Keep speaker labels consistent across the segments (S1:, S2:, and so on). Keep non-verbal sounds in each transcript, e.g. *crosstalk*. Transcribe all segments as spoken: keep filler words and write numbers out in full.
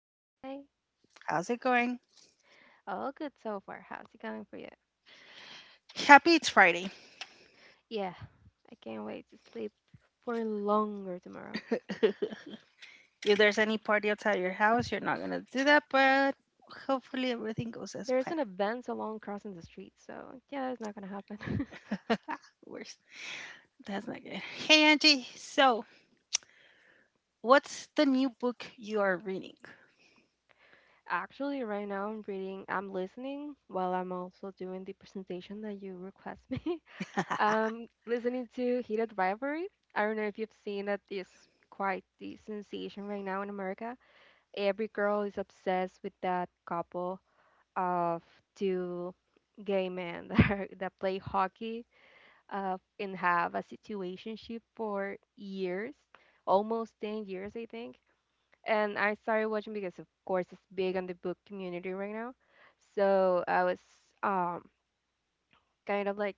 S1: Hi.
S2: how's it going?
S1: All good so far. How's it going for you?
S2: Happy it's Friday.
S1: Yeah, I can't wait to sleep for longer tomorrow.
S2: If there's any party outside your house, you're not gonna do that, but hopefully everything goes as
S1: There's
S2: planned.
S1: an event along crossing the street, so yeah, it's not gonna happen.
S2: Worse, that's not good. Hey Angie, so what's the new book you are reading?
S1: *laughs* Actually, right now I'm reading, I'm listening while I'm also doing the presentation that you request me. *laughs*
S2: *laughs*
S1: Um, listening to Heated Rivalry. I don't know if you've seen it. It's quite the sensation right now in America. Every girl is obsessed with that couple of two gay men *laughs* that, are, that play hockey uh, and have a situationship for years, almost ten years, I think. And I started watching because, of course, it's big on the book community right now. So I was um, kind of like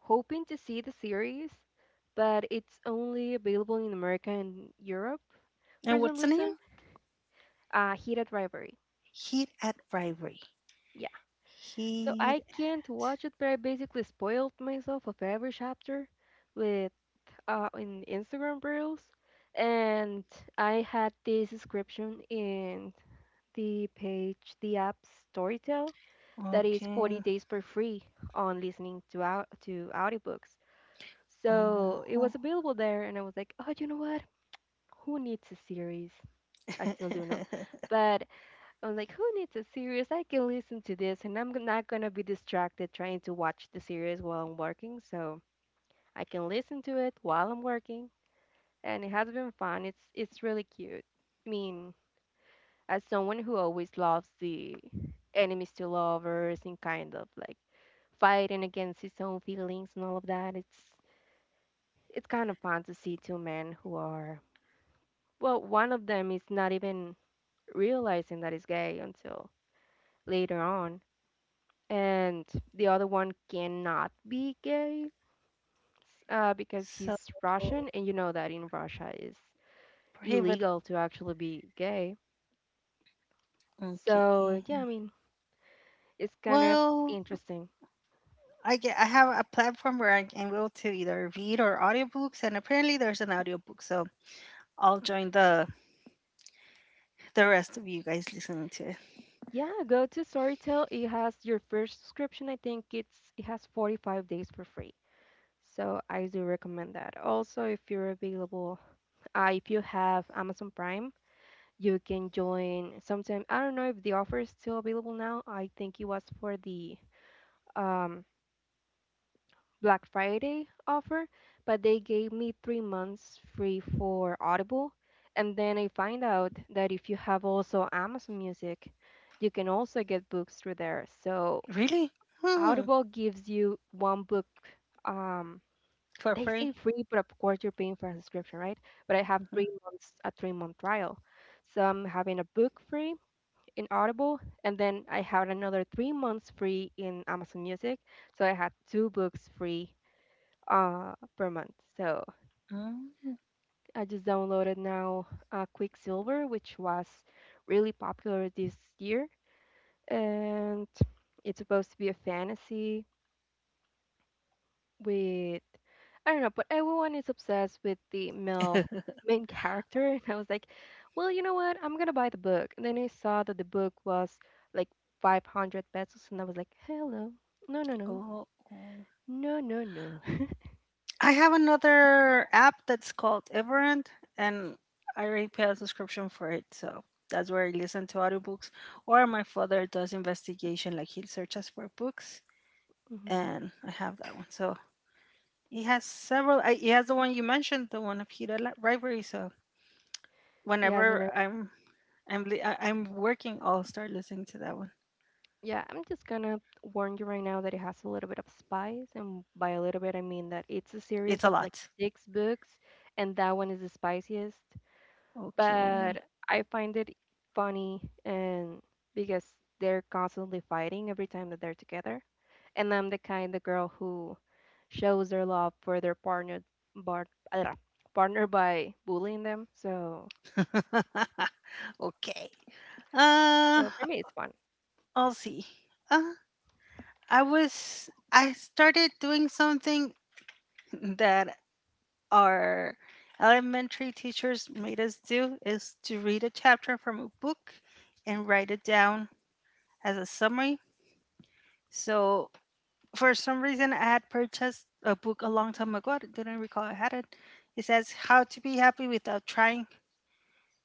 S1: hoping to see the series, but it's only available in America and Europe for
S2: And
S1: some
S2: what's the name?
S1: reason. Uh, Hit at Rivalry.
S2: Heat at Rivalry.
S1: Yeah. So
S2: Heat.
S1: I can't watch it, but I basically spoiled myself of every chapter with uh, in Instagram reels, and I had this subscription in the page, the app Storytel, that is forty
S2: Okay.
S1: days for free on listening to out to audiobooks. So it
S2: Oh.
S1: was available there, and I was like, oh, you know what? Who needs a series? I still do know,
S2: *laughs*
S1: but I'm like, who needs a series? I can listen to this and I'm not going to be distracted trying to watch the series while I'm working. So I can listen to it while I'm working. And it has been fun. It's, it's really cute. I mean, as someone who always loves the enemies to lovers and kind of like fighting against his own feelings and all of that, it's, it's kind of fun to see two men who are, well, one of them is not even realizing that he's gay until later on and the other one cannot be gay uh, because
S2: So
S1: he's Russian, and you know that in Russia it's
S2: prohibit.
S1: illegal to actually be gay.
S2: Okay.
S1: So yeah, I mean it's kind of
S2: Well,
S1: interesting.
S2: I get I have a platform where I am able to either read or audiobooks and apparently there's an audiobook, so I'll join the the rest of you guys listening to it.
S1: Yeah, go to Storytel. It has your first subscription. I think it's it has forty-five days for free. So I do recommend that. Also, if you're available, uh, if you have Amazon Prime, you can join sometime. I don't know if the offer is still available now. I think it was for the um, Black Friday offer, but they gave me three months free for Audible. And then I find out that if you have also Amazon Music, you can also get books through there. So
S2: Really? Hmm.
S1: Audible gives you one book. Um,
S2: For
S1: they say
S2: free?
S1: free, but of course you're paying for a subscription, right? But I have
S2: Mhm.
S1: three months, a three month trial. So I'm having a book free in Audible, and then I had another three months free in Amazon Music. So I had two books free uh, per month. So
S2: Mm.
S1: I just downloaded now uh, Quicksilver, which was really popular this year, and it's supposed to be a fantasy with I don't know, but everyone is obsessed with the male main character, *laughs* and I was like, well, you know what? I'm gonna buy the book. And then I saw that the book was like five hundred pesos, and I was like, hello, no, no, no,
S2: Oh, oh.
S1: no, no, no.
S2: I have another app that's called Everend and I already pay a subscription for it, so that's where I listen to audiobooks. Or my father does investigation, like he searches for books
S1: *laughs* Mhm.
S2: and I have that one. So he has several. I, he has the one you mentioned, the one of Hira Li- Rivalry. So
S1: He has
S2: whenever
S1: a
S2: I'm I'm li- I- I'm working, I'll start listening to that one.
S1: Yeah, I'm just gonna warn you right now that it has a little bit of spice, and by a little bit, I mean that it's a series
S2: It's a
S1: of like
S2: lot.
S1: six books, and that one is the spiciest.
S2: Okay.
S1: But I find it funny, and because they're constantly fighting every time that they're together, and I'm the kind of girl who shows their love for their partner, bar, uh, partner by bullying them. So,
S2: *laughs* Okay. Uh,
S1: so for me, it's fun.
S2: I'll see. Uh, I was I started doing something that our elementary teachers made us do is to read a chapter from a book and write it down as a summary. So for some reason, I had purchased a book a long time ago. I didn't recall I had it. It says How to Be Happy Without Trying.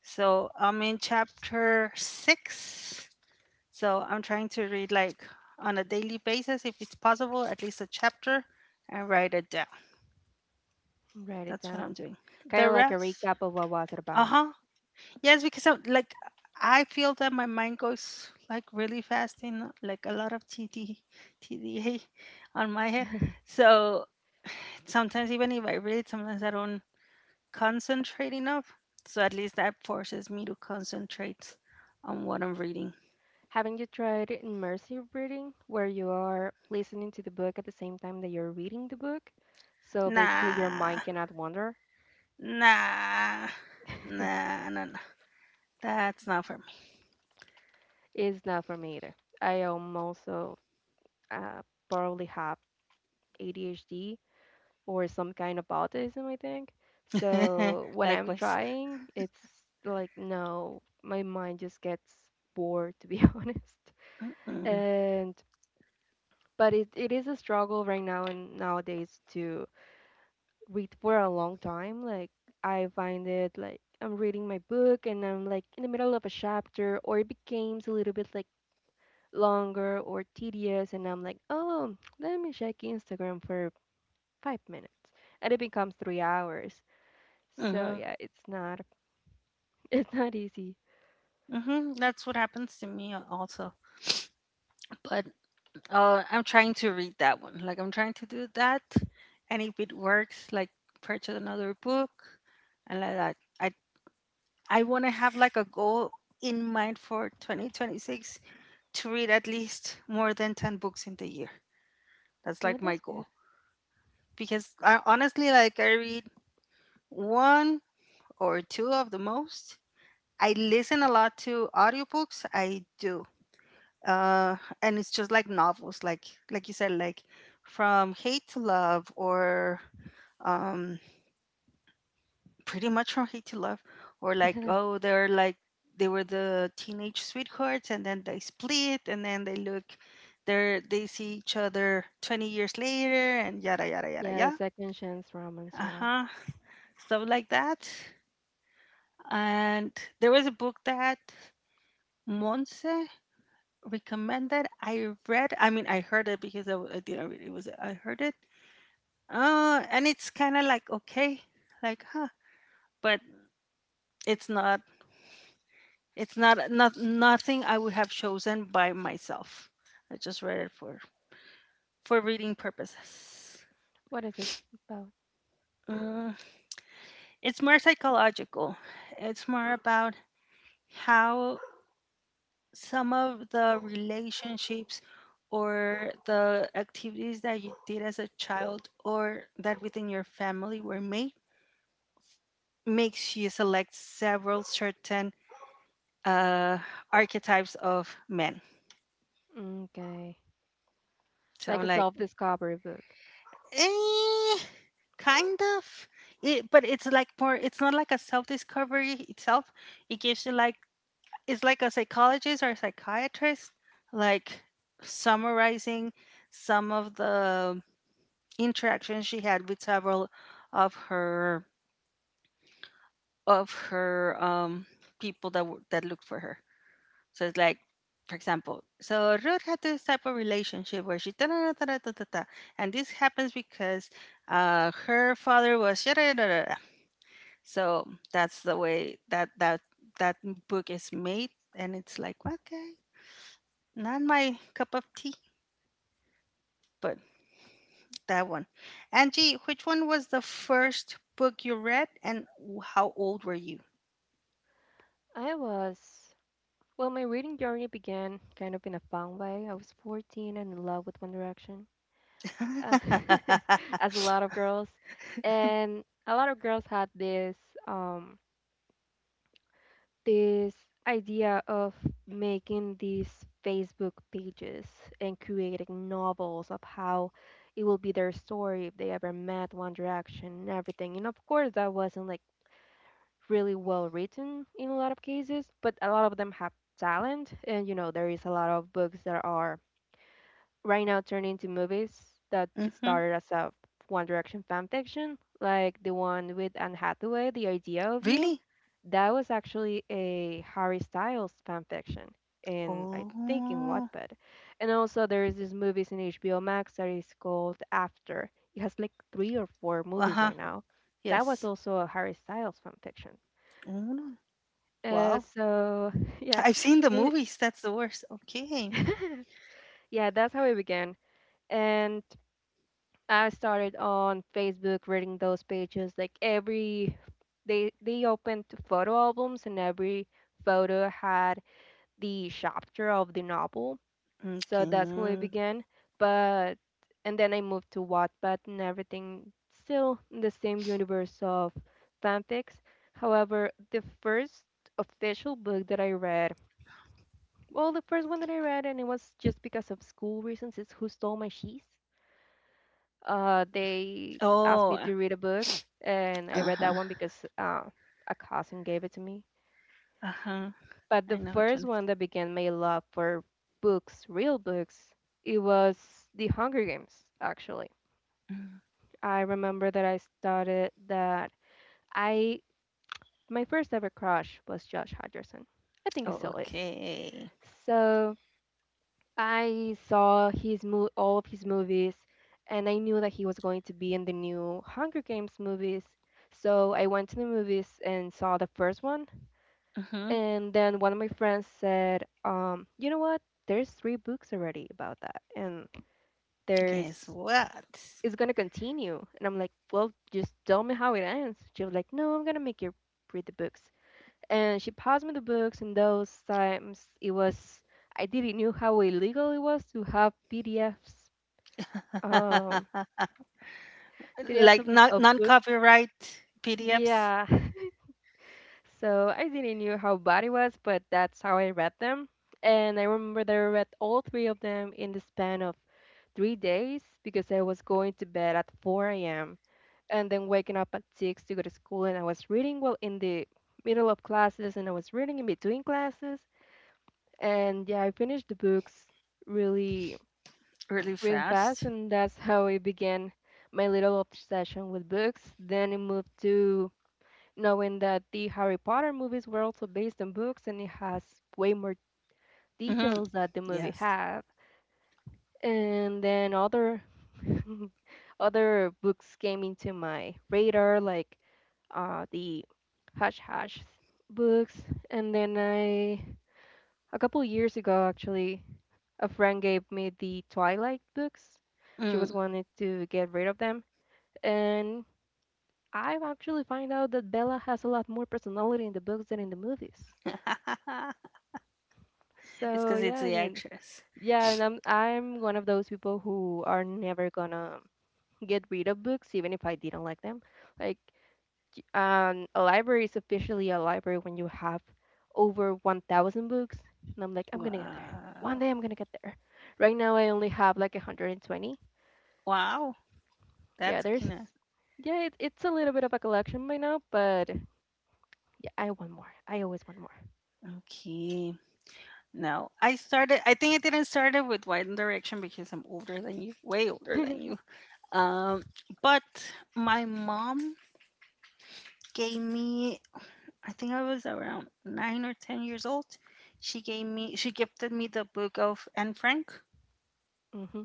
S2: So I'm in chapter six. So I'm trying to read like on a daily basis, if it's possible, at least a chapter and write it down.
S1: Write it
S2: That's what I'm
S1: down,
S2: doing.
S1: kind
S2: The
S1: of like a
S2: rest,
S1: recap of what was it
S2: uh
S1: about.
S2: huh. Yes, because I'm, like I feel that my mind goes like really fast in like a lot of T D T D A on my head. So sometimes even if I read, sometimes I don't concentrate enough. So at least that forces me to concentrate on what I'm reading.
S1: Haven't you tried immersive reading, where you are listening to the book at the same time that you're reading the book? So basically, your mind
S2: Nah,
S1: cannot wander.
S2: nah, nah, nah, nah. That's not for
S1: It's not for me either. I am also uh, probably have A D H D or some kind of autism, I think.
S2: me.
S1: So
S2: *laughs*
S1: when I'm
S2: Likewise.
S1: trying, it's like, no, my mind just gets bored, to be *laughs* honest.
S2: Mm,
S1: And but it, it is a struggle right now and nowadays to read for a long time. Like I find it like I'm reading my book and I'm like in the middle of a chapter or it becomes a little bit like longer or tedious and I'm like, oh, let me check Instagram for five minutes. And it becomes three hours. So
S2: mhm,
S1: yeah, it's not *laughs* it's not easy.
S2: mhm. That's what happens to me also. But uh, I'm trying to read that one. Like I'm trying to do that, and if it works, like purchase another book, and like that. I I want to have like a goal in mind for twenty twenty-six to read at least more than ten books in the year. That's
S1: So
S2: like my
S1: that's
S2: goal.
S1: good.
S2: Because I, honestly, like I read one or two of the most. I listen a lot to audiobooks. I do. Uh, and it's just like novels, like like you said, like from hate to love or um, pretty much from Hate to Love, or like
S1: *laughs*
S2: oh they're like they were the teenage sweethearts and then they split and then they look they're they see each other twenty years later and yada yada yada
S1: Yeah, the
S2: yada,
S1: second chance romance, yeah.
S2: uh-huh, stuff like that. And there was a book that Monse recommended I read. I mean I heard it because I, I didn't read it, it was I heard it. Uh and it's kind of like okay, like huh, but it's not. It's not not nothing I would have chosen by myself. I just read it for for reading purposes.
S1: What is it about?
S2: Mm, it's more psychological. It's more about how some of the relationships or the activities that you did as a child or that within your family were made makes you select several certain uh, archetypes of men.
S1: Okay.
S2: So,
S1: Like a
S2: like,
S1: self-discovery book.
S2: eh, kind of. It, but it's like more. It's not like a self discovery itself. It gives you like it's like a psychologist or a psychiatrist, like summarizing some of the interactions she had with several of her of her um people that w- that looked for her. So it's like, for example, so Ruth had this type of relationship where she ta-da-da-da-da-da-da, and this happens because uh, her father was da-da-da-da-da. So that's the way that that that book is made, and it's like okay, not my cup of tea, but that one. Angie, which one was the first book you read, and how old were you?
S1: I was Well, my reading journey began kind of in a fun way. I was fourteen and in love with One Direction, uh,
S2: *laughs*
S1: *laughs* as a lot of girls. And a lot of girls had this um, this idea of making these Facebook pages and creating novels of how it will be their story if they ever met One Direction and everything. And of course, that wasn't like really well written in a lot of cases, but a lot of them have talent and you know there is a lot of books that are right now turned into movies that it
S2: Hmm.
S1: started as a One Direction fan fiction, like the one with Anne Hathaway, The Idea of You.
S2: Really?
S1: That was actually a Harry Styles fan fiction in I think in
S2: Oh,
S1: Wattpad. And also there is this movies in H B O Max that is called After. It has like three or four
S2: uh
S1: movies
S2: huh.
S1: by now. That was
S2: Yes.
S1: also a Harry Styles fan fiction.
S2: Oh.
S1: Uh,
S2: Wow.
S1: so *laughs* yeah,
S2: I've seen the
S1: it,
S2: movies, that's the worst. Okay.
S1: *laughs* yeah, that's how it began. And I started on Facebook reading those pages. Like every they they opened photo albums and every photo had the chapter of the novel. So that's how I
S2: Okay.
S1: began. But and then I moved to Wattpad and everything still in the same universe of fanfics. However, the first official book that I read, well, the first one that I read and it was just because of school reasons is Who Stole My Cheese? Uh, they asked me
S2: Oh,
S1: to read a book, and I read that
S2: uh-huh.
S1: one because uh, a cousin gave it to me.
S2: Uh-huh.
S1: But
S2: I
S1: the
S2: know which one
S1: first
S2: it is.
S1: one that began my love for books, real books, it was The Hunger Games, actually.
S2: Mm.
S1: I remember that I started that I my first ever crush was Josh Hutcherson. I think it
S2: Oh,
S1: still is.
S2: okay.
S1: So I saw his mo- all of his movies, and I knew that he was going to be in the new Hunger Games movies. So I went to the movies and saw the first one,
S2: Mm-hmm.
S1: and then one of my friends said, um, "You know what? There's three books already about that, and
S2: Guess
S1: there's
S2: what?
S1: it's gonna continue." And I'm like, "Well, just tell me how it ends." She was like, "No, I'm gonna make you read the books." And she passed me the books, and those times it was I didn't knew how illegal it was to have P D Fs um,
S2: *laughs*
S1: P D Fs of,
S2: Like
S1: the-
S2: non
S1: of
S2: non
S1: books.
S2: copyright P D Fs
S1: Yeah. *laughs* So I didn't knew how bad it was, but that's how I read them. And I remember that I read all three of them in the span of three days because I was going to bed at four a m and then waking up at six to go to school. And I was reading while in the middle of classes and I was reading in between classes. And yeah, I finished the books really,
S2: really
S1: really fast.
S2: fast.
S1: And that's how it began my little obsession with books. Then it moved to knowing that the Harry Potter movies were also based on books and it has way more
S2: Mm-hmm.
S1: details that the movie
S2: Yes.
S1: have. And then other *laughs* other books came into my radar, like uh, the Hush Hush books. And then I, a couple years ago, actually, a friend gave me the Twilight books. She was
S2: Mm.
S1: wanting to get rid of them, and I've actually find out that Bella has a lot more personality in the books than in the movies.
S2: *laughs* It's
S1: So
S2: because
S1: yeah,
S2: it's
S1: I
S2: the
S1: mean,
S2: actress.
S1: yeah, and I'm I'm one of those people who are never gonna get rid of books, even if I didn't like them. Like, y- um, a library is officially a library when you have over one thousand books, and I'm like, I'm gonna get there. One
S2: Wow.
S1: day I'm gonna get there. Right now I only have like one hundred twenty.
S2: Wow.
S1: Yeah,
S2: That's
S1: there's,
S2: kinda
S1: yeah, it, it's a little bit of a collection by now, but yeah, I want more. I always want more.
S2: okay. No, I started. I think I didn't start it with One Direction because I'm older than you, way older than you.
S1: *laughs*
S2: Um, but my mom gave me. I think I was around nine or ten years old. She gave me. She gifted me the book of Anne Frank.
S1: Hmm.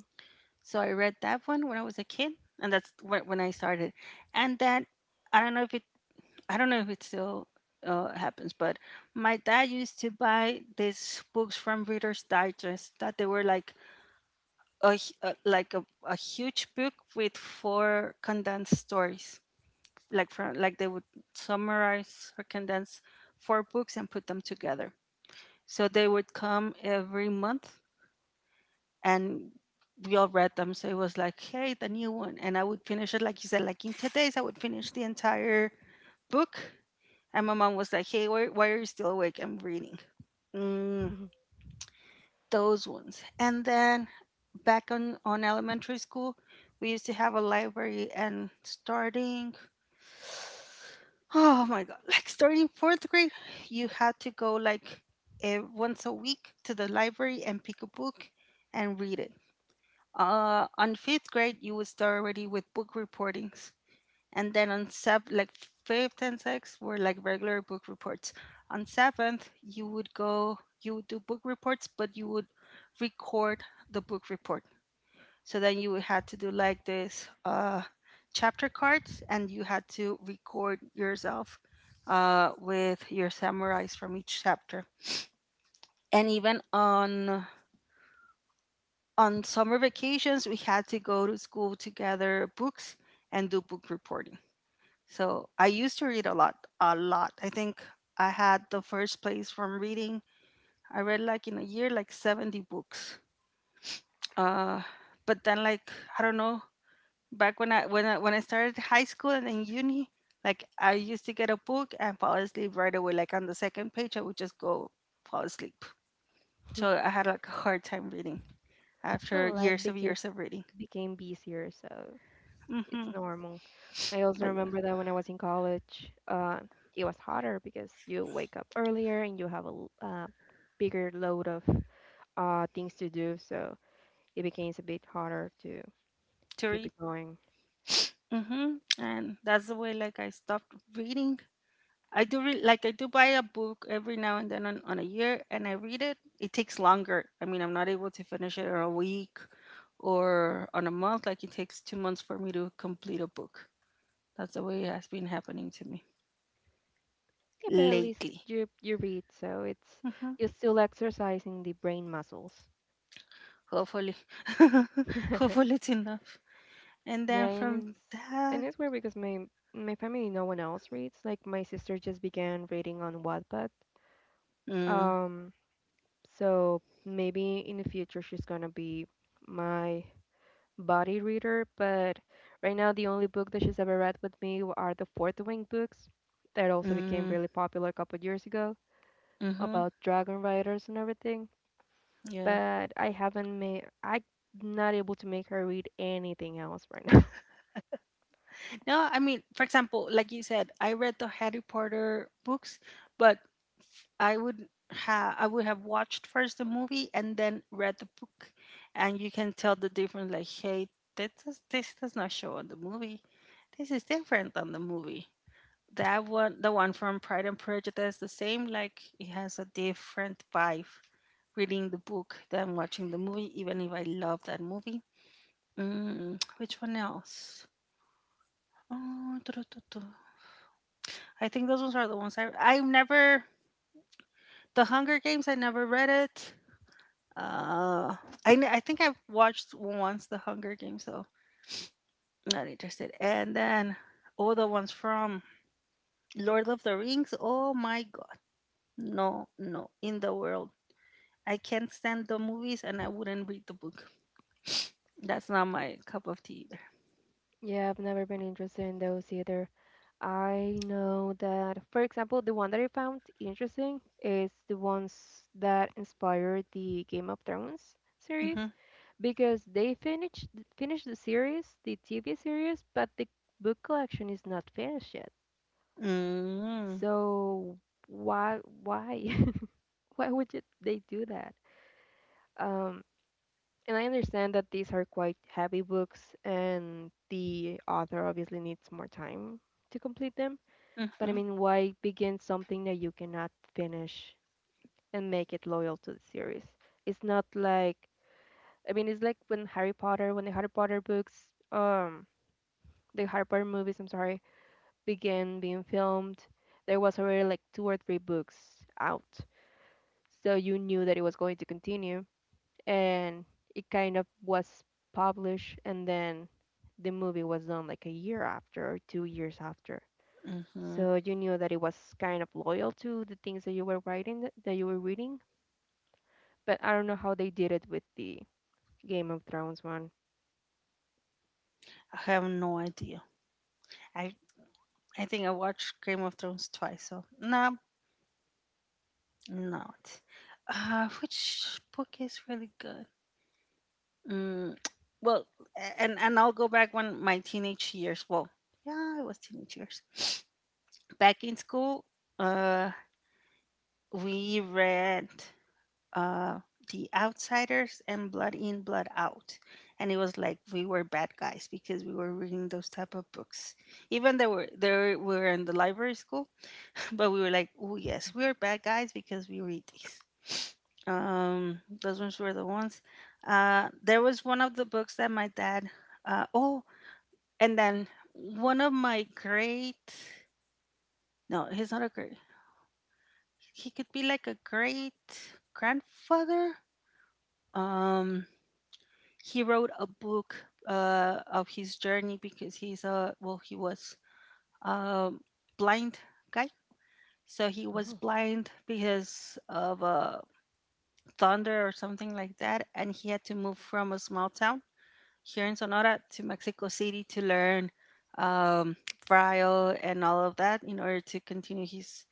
S2: So I read that one when I was a kid, and that's wh- when I started. And then I don't know if it. I don't know if it still uh, happens, but my dad used to buy these books from Reader's Digest that they were like a, h- a- like a, a huge book with four condensed stories, like from like they would summarize or condense four books and put them together, so they would come every month, and we all read them. So it was like, hey, the new one, and I would finish it like you said, like in ten days I would finish the entire book. And my mom was like, hey, why, why are you still awake? I'm reading, mm,
S1: *laughs*
S2: those ones. And then back on on elementary school, we used to have a library, and starting oh my god, like starting fourth grade, you had to go like eh, once a week to the library and pick a book and read it. Uh, on fifth grade, you would start already with book reportings. And then on sev like fifth and sixth were like regular book reports. On seventh, you would go, you would do book reports, but you would record the book report. So then you would have to do like this uh, chapter cards, and you had to record yourself uh, with your samurais from each chapter. And even on on summer vacations, we had to go to school to gather books and do book reporting. So I used to read a lot, a lot. I think I had the first place from reading. I read like in a year like seventy books. Uh, but then like I don't know, back when I when I when I started high school and then uni, like I used to get a book and fall asleep right away. Like on the second page, I would just go fall asleep. So I had like a hard time reading after
S1: Well, life
S2: years of
S1: became
S2: years of reading.
S1: became busier, so. It's
S2: Hmm.
S1: normal. I also
S2: But yeah,
S1: remember that when I was in college, uh, it was harder because you wake up earlier and you have a l- uh, bigger load of uh, things to do, so it becomes a bit harder to
S2: to
S1: keep
S2: read.
S1: it going.
S2: Hmm. And that's the way like I stopped reading. I do re- like I do buy a book every now and then on, on a year and I read it. It takes longer. I mean, I'm not able to finish it in a week or on a month. Like it takes two months for me to complete a book. That's the way it has been happening to me
S1: Yeah, but at least
S2: lately.
S1: you you read, so it's you're
S2: Hmm.
S1: still exercising the brain muscles.
S2: Hopefully, *laughs*
S1: *laughs*
S2: hopefully it's enough. And
S1: Yeah,
S2: then from
S1: and it's and
S2: that,
S1: it's weird because my my family no one else reads. Like my sister just began reading on Wattpad.
S2: mm,
S1: Um, So maybe in the future she's gonna be my body reader, but right now the only book that she's ever read with me w- are the Fourth Wing books that also became
S2: mm,
S1: really popular a couple years ago
S2: hmm,
S1: about dragon riders and everything.
S2: yeah.
S1: But I haven't made I'm not able to make her read anything else right.
S2: No, I mean, for example, like you said, I read the Harry Potter books, but I would have I would have watched first the movie and then read the book, and you can tell the difference. Like, hey, this is, this does not show on the movie. This is different on the movie. That one, the one from Pride and Prejudice, the same. Like, it has a different vibe reading the book than watching the movie. Even if I love that movie. Mm, *tsk* which one else? Oh, *tsk* I think those ones are the ones I I've never The Hunger Games. I never read it. Uh, I kn- I think I've watched once The Hunger Games, so not interested. And then all the ones from Lord of the Rings. Oh my god, no, no, in the world. I can't stand the movies, and I wouldn't read the book. That's not my cup of tea either.
S1: Yeah, I've never been interested in those either. I know that, for example, the one that I found interesting is the ones that inspired the Game of Thrones series
S2: Mm-hmm.
S1: because they finished finished the series, the T V series, but the book collection is not finished yet.
S2: Mm-hmm.
S1: So why why *laughs* why would you, they do that? Um, And I understand that these are quite heavy books, and the author obviously needs more time to complete them. But
S2: Mm-hmm.
S1: I mean, why begin something that you cannot finish and make it loyal to the series? It's not like, I mean, it's like when Harry Potter, when the Harry Potter books, um, the Harry Potter movies, I'm sorry, began being filmed, there was already like two or three books out. So you knew that it was going to continue and it kind of was published, and then the movie was done like a year after or two years after,
S2: Mm-hmm.
S1: so you knew that it was kind of loyal to the things that you were writing th- that you were reading. But I don't know how they did it with the Game of Thrones one.
S2: I have no idea. I I think I watched Game of Thrones twice, so no, not. Uh, which book is really good? Mm, *tsk* well, a- and and I'll go back when my teenage years. Well, yeah, it was teenage years. Back in school, uh, we read uh, The Outsiders and Blood In, Blood Out, and it was like we were bad guys because we were reading those type of books. Even though we're, they were in the library school, but we were like, oh yes, we are bad guys because we read these. *laughs* Um, those ones were the ones. Uh, there was one of the books that my dad. Uh, oh, and then one of my great. No, he's not a great. He could be like a great grandfather. Um, he wrote a book uh, of his journey because he's a well, he was a blind guy. So he was
S1: Oh,
S2: blind because of a thunder or something like that. And he had to move from a small town here in Sonora to Mexico City to learn um, braille and all of that in order to continue his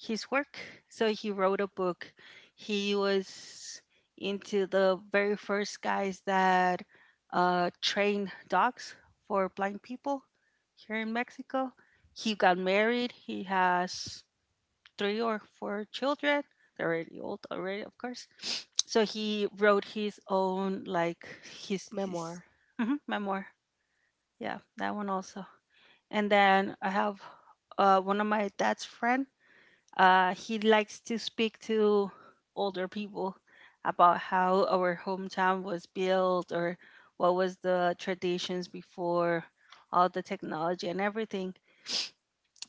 S2: his work. So he wrote a book. He was into the very first guys that uh, trained dogs for blind people here in Mexico. He got married. He has three or four children. They're really old already, of course. *sniffs* So he wrote his own, like his his
S1: memoir.
S2: mhm, memoir. Yeah, that one also. And then I have uh, one of my dad's friend. Uh, he likes to speak to older people about how our hometown was built or what was the traditions before all the technology and everything,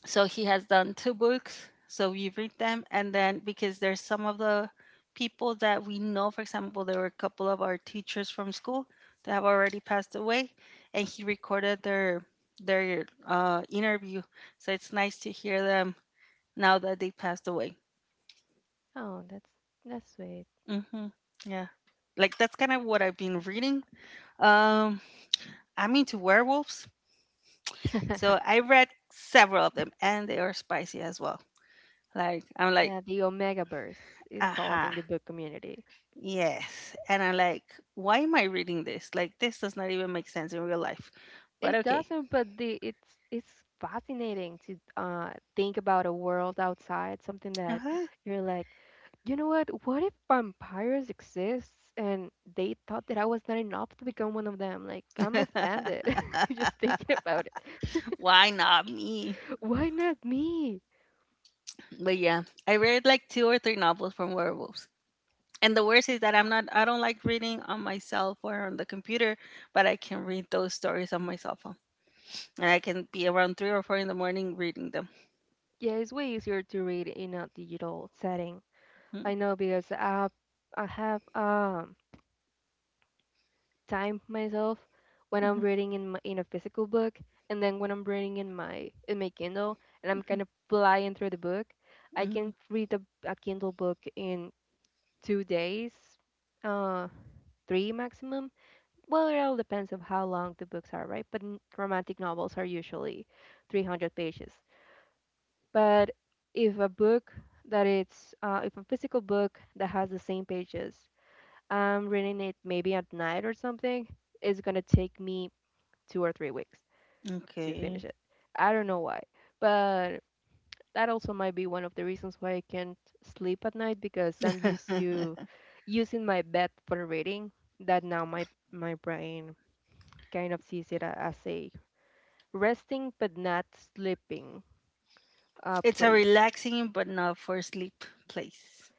S2: so he has done two books, so we read them. And then, because there's some of the people that we know, for example, there were a couple of our teachers from school that have already passed away, and he recorded their their uh, interview, so it's nice to hear them now that they passed away.
S1: Oh, that's that's sweet.
S2: Hmm. Yeah, like that's kind of what I've been reading. um I'm into werewolves, so
S1: *laughs*
S2: I read several of them, and they are spicy as well. Like, I'm like,
S1: Yeah, the omega verse is called
S2: aha.
S1: in the book community.
S2: Yes. And I'm like, why am I reading this? Like, this does not even make sense in real life. But
S1: It
S2: okay.
S1: doesn't, but the it's it's fascinating to uh think about a world outside, something that
S2: Uh-huh.
S1: you're like, you know what? What if vampires exists and they thought that I was not enough to become one of them? Like, I'm offended *laughs* just thinking about it.
S2: *laughs* Why not me?
S1: *laughs* Why not me?
S2: But yeah, I read like two or three novels from werewolves. And the worst is that I'm not, I don't like reading on my cell phone or on the computer, but I can read those stories on my cell phone. And I can be around three or four in the morning reading them.
S1: Yeah, it's way easier to read in a digital setting. I
S2: Mm,
S1: know because I have, I have um time myself when I'm
S2: mhm,
S1: reading in my, in a physical book, and then when I'm reading in my in my Kindle, and I'm
S2: mhm,
S1: kind of flying through the book. I can
S2: mhm.
S1: read a, a Kindle book in two days, uh, three maximum. Well, it all depends of how long the books are, right? But n- romantic novels are usually three hundred pages. But if a book that it's uh, if a physical book that has the same pages, I'm reading it maybe at night or something, it's gonna take me two or three weeks to finish
S2: Okay.
S1: it. I don't know why, but that also might be one of the reasons why I can't sleep at night because I'm used
S2: *laughs*
S1: to using my bed for reading. That now my my brain kind of sees it a- as a resting but not sleeping uh,
S2: It's a
S1: place.
S2: relaxing but not for sleep place.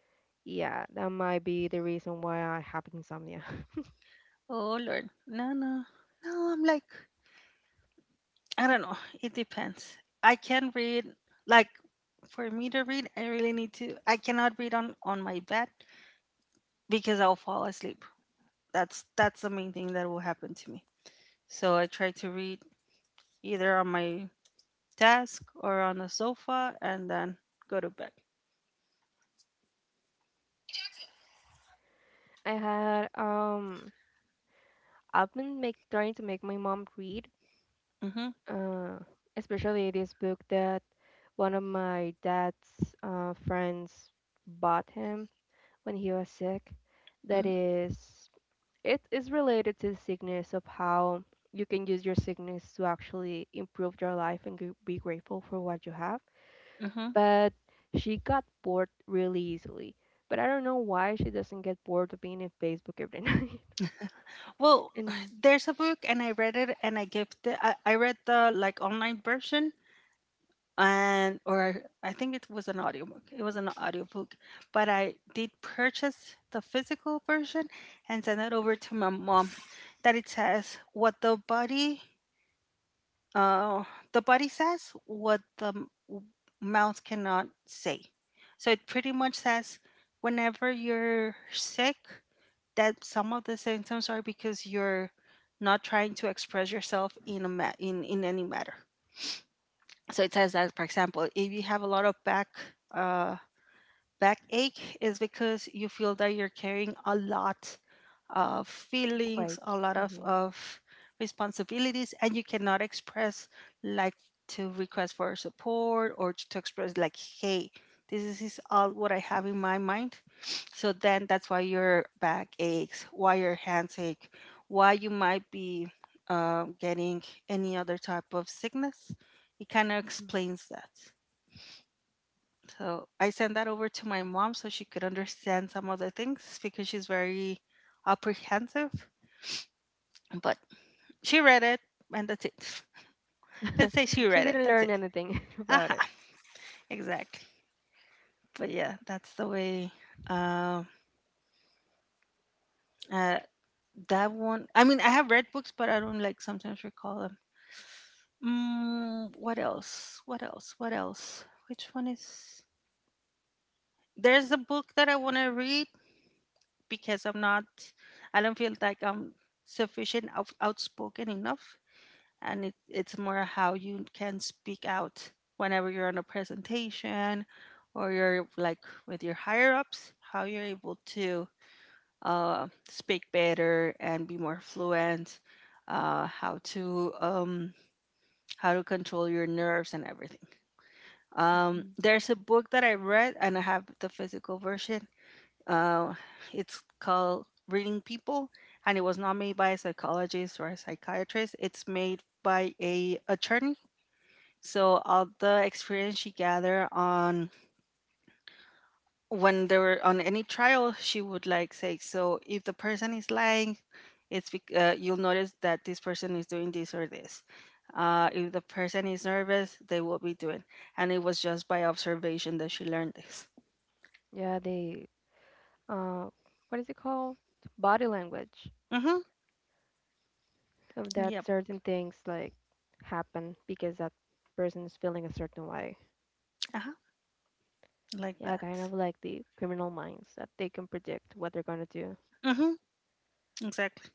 S1: Yeah, that might be the reason why I have insomnia.
S2: Oh Lord, no, no, no. I'm like, I don't know. It depends. I can read. Like, for me to read, I really need to. I cannot read on on my bed because I'll fall asleep. That's that's the main thing that will happen to me. So I try to read either on my desk or on the sofa, and then go to bed.
S1: *laughs* I had um I've been make trying to make my mom read
S2: Mm-hmm.
S1: uh, especially this book that one of my dad's uh, friends bought him when he was sick. That
S2: Mm-hmm.
S1: is, it is related to the sickness of how you can use your sickness to actually improve your life and gr- be grateful for what you have.
S2: Mm-hmm.
S1: But she got bored really easily. But I don't know why she doesn't get bored of being in Facebook every *laughs* night.
S2: Well, *sighs*
S1: And
S2: there's a book, and I read it, and I gave the I, I read the like online version, and or I think it was an audiobook. It was an audiobook, but I did purchase the physical version and send it over to my mom. That it says what the body, uh, the body says what the m- w- mouth cannot say. So it pretty much says whenever you're sick, that some of the symptoms are because you're not trying to express yourself in a ma- in in any matter. So it says that, for example, if you have a lot of back uh, Backache is because you feel that you're carrying a lot of feelings,
S1: quite.
S2: a lot of,
S1: Hmm.
S2: of responsibilities, and you cannot express, like, to request for support or to, to express like, hey, this is all what I have in my mind. So then that's why your back aches, why your hands ache, why you might be uh, getting any other type of sickness. It kind of
S1: Hmm.
S2: explains that. So I sent that over to my mom so she could understand some of the things because she's very apprehensive. But she read it and that's it. *laughs* Let's say
S1: *laughs*
S2: she
S1: She
S2: read it.
S1: didn't
S2: That's
S1: learn
S2: it.
S1: anything *laughs* about
S2: Aha, *laughs* exactly. But yeah, that's the way. Um, uh, that one. I mean, I have read books, but I don't like sometimes recall them. Mm, what else? What else? What else? Which one is? There's a book that I want to read, because I'm not, I don't feel like I'm sufficient, out, outspoken enough. And it, it's more how you can speak out whenever you're on a presentation or you're like with your higher ups, how you're able to uh, speak better and be more fluent, uh, how to um, how to control your nerves and everything. Um,
S1: it.
S2: there's a book that I read, and I have the physical version. Uh, it's called Reading People, and it was not made by a psychologist or a psychiatrist. It's made by a attorney. So all the experience she gathered on when they were on any trial, she would like say, so if the person is lying, it's bec- uh, you'll notice that this person is doing this or this. Uh, if the person is nervous, they will be doing. And it was just by observation that she learned this.
S1: Yeah, they uh what is it called? Body language
S2: Mm-hmm.
S1: of that
S2: Yep.
S1: certain things like happen because that person is feeling a certain way.
S2: Uh-huh. Like
S1: Yeah, kind
S2: that.
S1: of like the criminal minds that they can predict what they're gonna do.
S2: Mm-hmm. Exactly.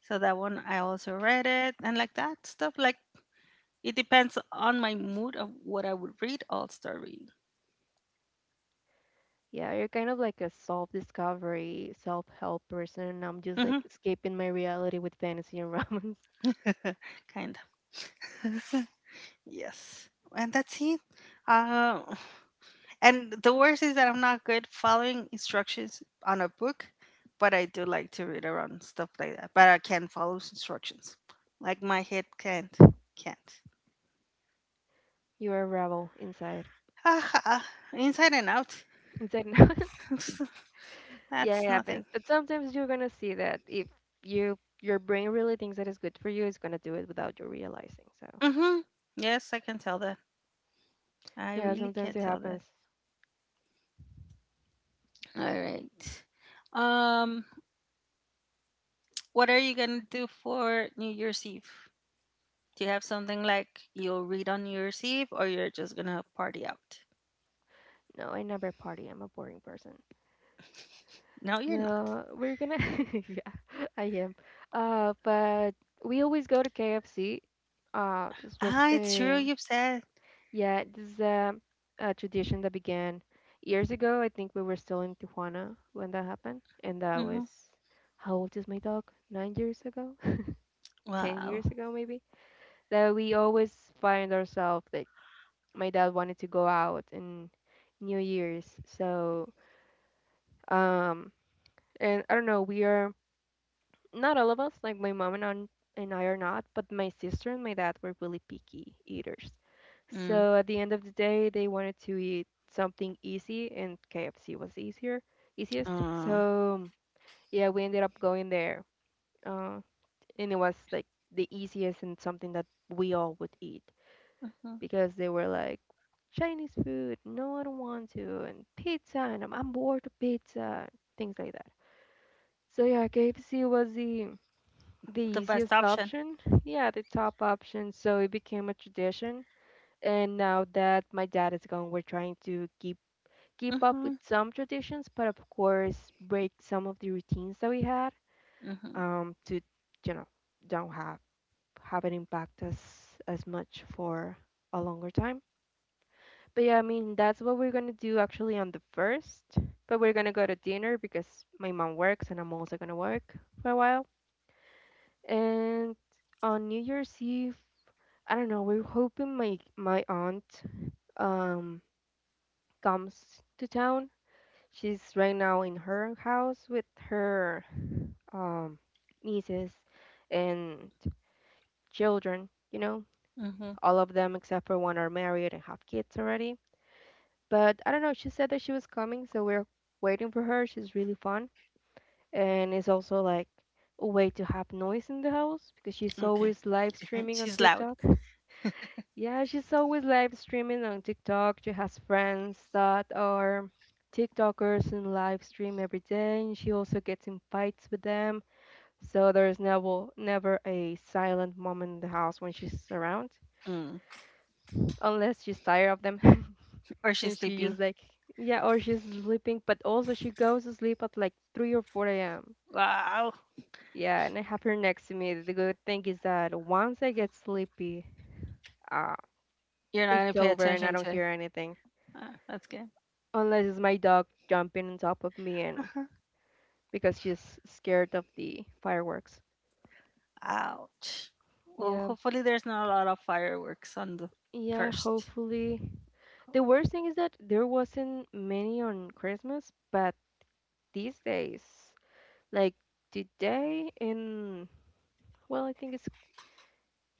S2: So that one I also read it and like that stuff. Like, it depends on my mood of what I would read. I'll start reading.
S1: Yeah, you're kind of like a self-discovery, self-help person. I'm just
S2: Hmm.
S1: like escaping my reality with fantasy and romance. *laughs*
S2: *laughs* Kind of. *laughs* Yes. And that's it. Uh, and the worst is that I'm not good following instructions on a book, but I do like to read around stuff like that. But I can follow instructions. Like my head can't. Can't. *laughs*
S1: You're a rebel inside.
S2: Ah, ah, inside and out.
S1: Inside *laughs* now.
S2: *laughs*
S1: Yeah, it
S2: That's nothing.
S1: happens. But sometimes you're gonna see that if you your brain really thinks that is good for you, it's gonna do it without you realizing. So
S2: Hmm. Yes, I can tell that. I
S1: yeah,
S2: really
S1: sometimes
S2: can't
S1: it
S2: tell that.
S1: happens.
S2: All right. Um, what are you gonna do for New Year's Eve? Do you have something like you'll read on New Year's Eve, or you're just gonna party out?
S1: No, I never party. I'm a boring person.
S2: No, you're not.
S1: No, we're gonna *laughs* yeah, I am. Uh, but we always go to K F C. Uh, this was
S2: Ah, it's true.
S1: a
S2: You've said.
S1: yeah, this is a, a tradition that began years ago. I think we were still in Tijuana when that happened, and that
S2: Mm-hmm.
S1: was how old is my dog? Nine years ago. ten
S2: Wow.
S1: years ago maybe that we always find ourselves like my dad wanted to go out in New Year's, so um and I don't know, we are not all of us, like my mom and, aunt, and I are not, but my sister and my dad were really picky eaters,
S2: Mm.
S1: so at the end of the day they wanted to eat something easy and KFC was easier easiest.
S2: Oh.
S1: So yeah, we ended up going there, uh, and it was like the easiest and something that we all would eat
S2: Mhm.
S1: because they were like Chinese food, no, I don't want to, and pizza, and I'm, I'm bored of pizza, things like that. So yeah, K F C was the the
S2: The best
S1: easiest
S2: option.
S1: option, yeah, the top option. So it became a tradition, and now that my dad is gone, we're trying to keep keep up
S2: Mm-hmm.
S1: with some traditions, but of course break some of the routines that we had,
S2: Mm-hmm.
S1: um, to you know, don't have have it impact us as much for a longer time. But yeah, I mean, that's what we're gonna do actually on the first. But we're gonna go to dinner because my mom works and I'm also gonna work for a while. And on New Year's Eve, I don't know, we're hoping my my aunt um comes to town. She's right now in her house with her um nieces and children, you know.
S2: Mm-hmm.
S1: All of them except for one are married and have kids already. But I don't know, she said that she was coming, so we're waiting for her. She's really fun. And it's also like a way to have noise in the house because she's
S2: Okay.
S1: always live
S2: *laughs*
S1: streaming on
S2: She's loud.
S1: TikTok. Yeah, she's always live streaming on TikTok. She has friends that are TikTokers and live stream every day, and she also gets in fights with them. So there's never never a silent moment in the house when she's around,
S2: Mm.
S1: unless she's tired of them. *laughs*
S2: Or
S1: And
S2: she's
S1: she
S2: sleeping.
S1: is like, yeah, or she's sleeping, but also she goes to sleep at like three or four a m.
S2: Wow.
S1: Yeah, and I have her next to me. The good thing is that once I get sleepy, uh,
S2: You're not gonna
S1: it's
S2: pay
S1: over and I
S2: attention
S1: don't
S2: to it.
S1: hear anything.
S2: Ah, that's good.
S1: Unless it's my dog jumping on top of me and because she's scared of the fireworks.
S2: Ouch. Well,
S1: Yeah,
S2: hopefully there's not a lot of fireworks on the
S1: yeah,
S2: first.
S1: hopefully. The worst thing is that there wasn't many on Christmas, but these days, like today in, well, I think it's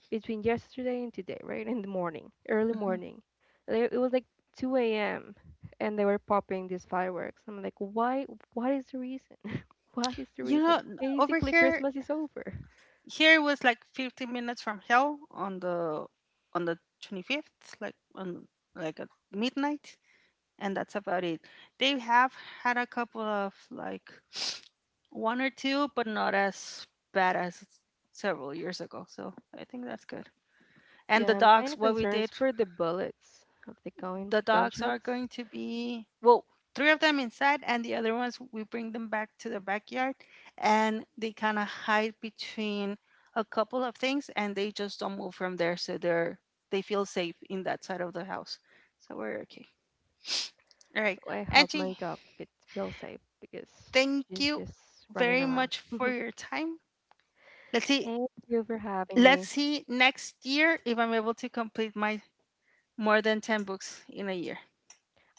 S1: between yesterday and today, right? In the morning, early
S2: Mhm.
S1: morning. They, it was like two a m and they were popping these fireworks. I'm like, why? What is the reason? *laughs* What is the
S2: You know,
S1: reason?
S2: n- over
S1: Basically,
S2: here,
S1: Christmas is over.
S2: here it was like fifteen minutes from hell on the on the twenty-fifth, like on, like, at midnight, and that's about it. They have had a couple of like one or two, but not as bad as several years ago. So I think that's good. And the
S1: Yeah, I'm kind
S2: dogs,
S1: of
S2: what we
S1: concerned
S2: did,
S1: for the bullets of the gun
S2: the dogs are
S1: gunshots.
S2: going to be, well, three of them inside, and the other ones we bring them back to the backyard, and they kind of hide between a couple of things and they just don't move from there, so they're, they feel safe in that side of the house, so we're okay. All right,
S1: I hope my
S2: Angie,
S1: dog fe- feels safe because
S2: thank
S1: she's
S2: you
S1: just running
S2: very
S1: around.
S2: much for
S1: *laughs*
S2: your time. Let's see.
S1: Thank you for having
S2: Let's
S1: me.
S2: see next year if I'm able to complete my more than ten books in a year.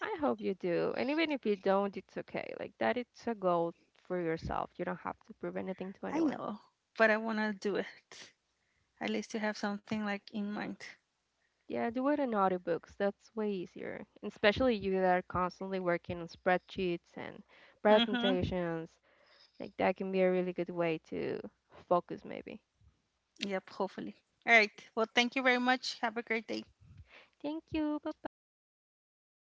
S1: I hope you do. And even if you don't, it's okay. Like that it's a goal for yourself. You don't have to prove anything to
S2: I
S1: anyone.
S2: know, but I want to do it. At least you have something like in mind.
S1: Yeah, do it in audiobooks. That's way easier. And especially you that are constantly working on spreadsheets and
S2: Mm-hmm.
S1: presentations. Like that can be a really good way to focus maybe.
S2: Yep, hopefully. All right. Well, thank you very much. Have a great day.
S1: Thank you. Bye bye.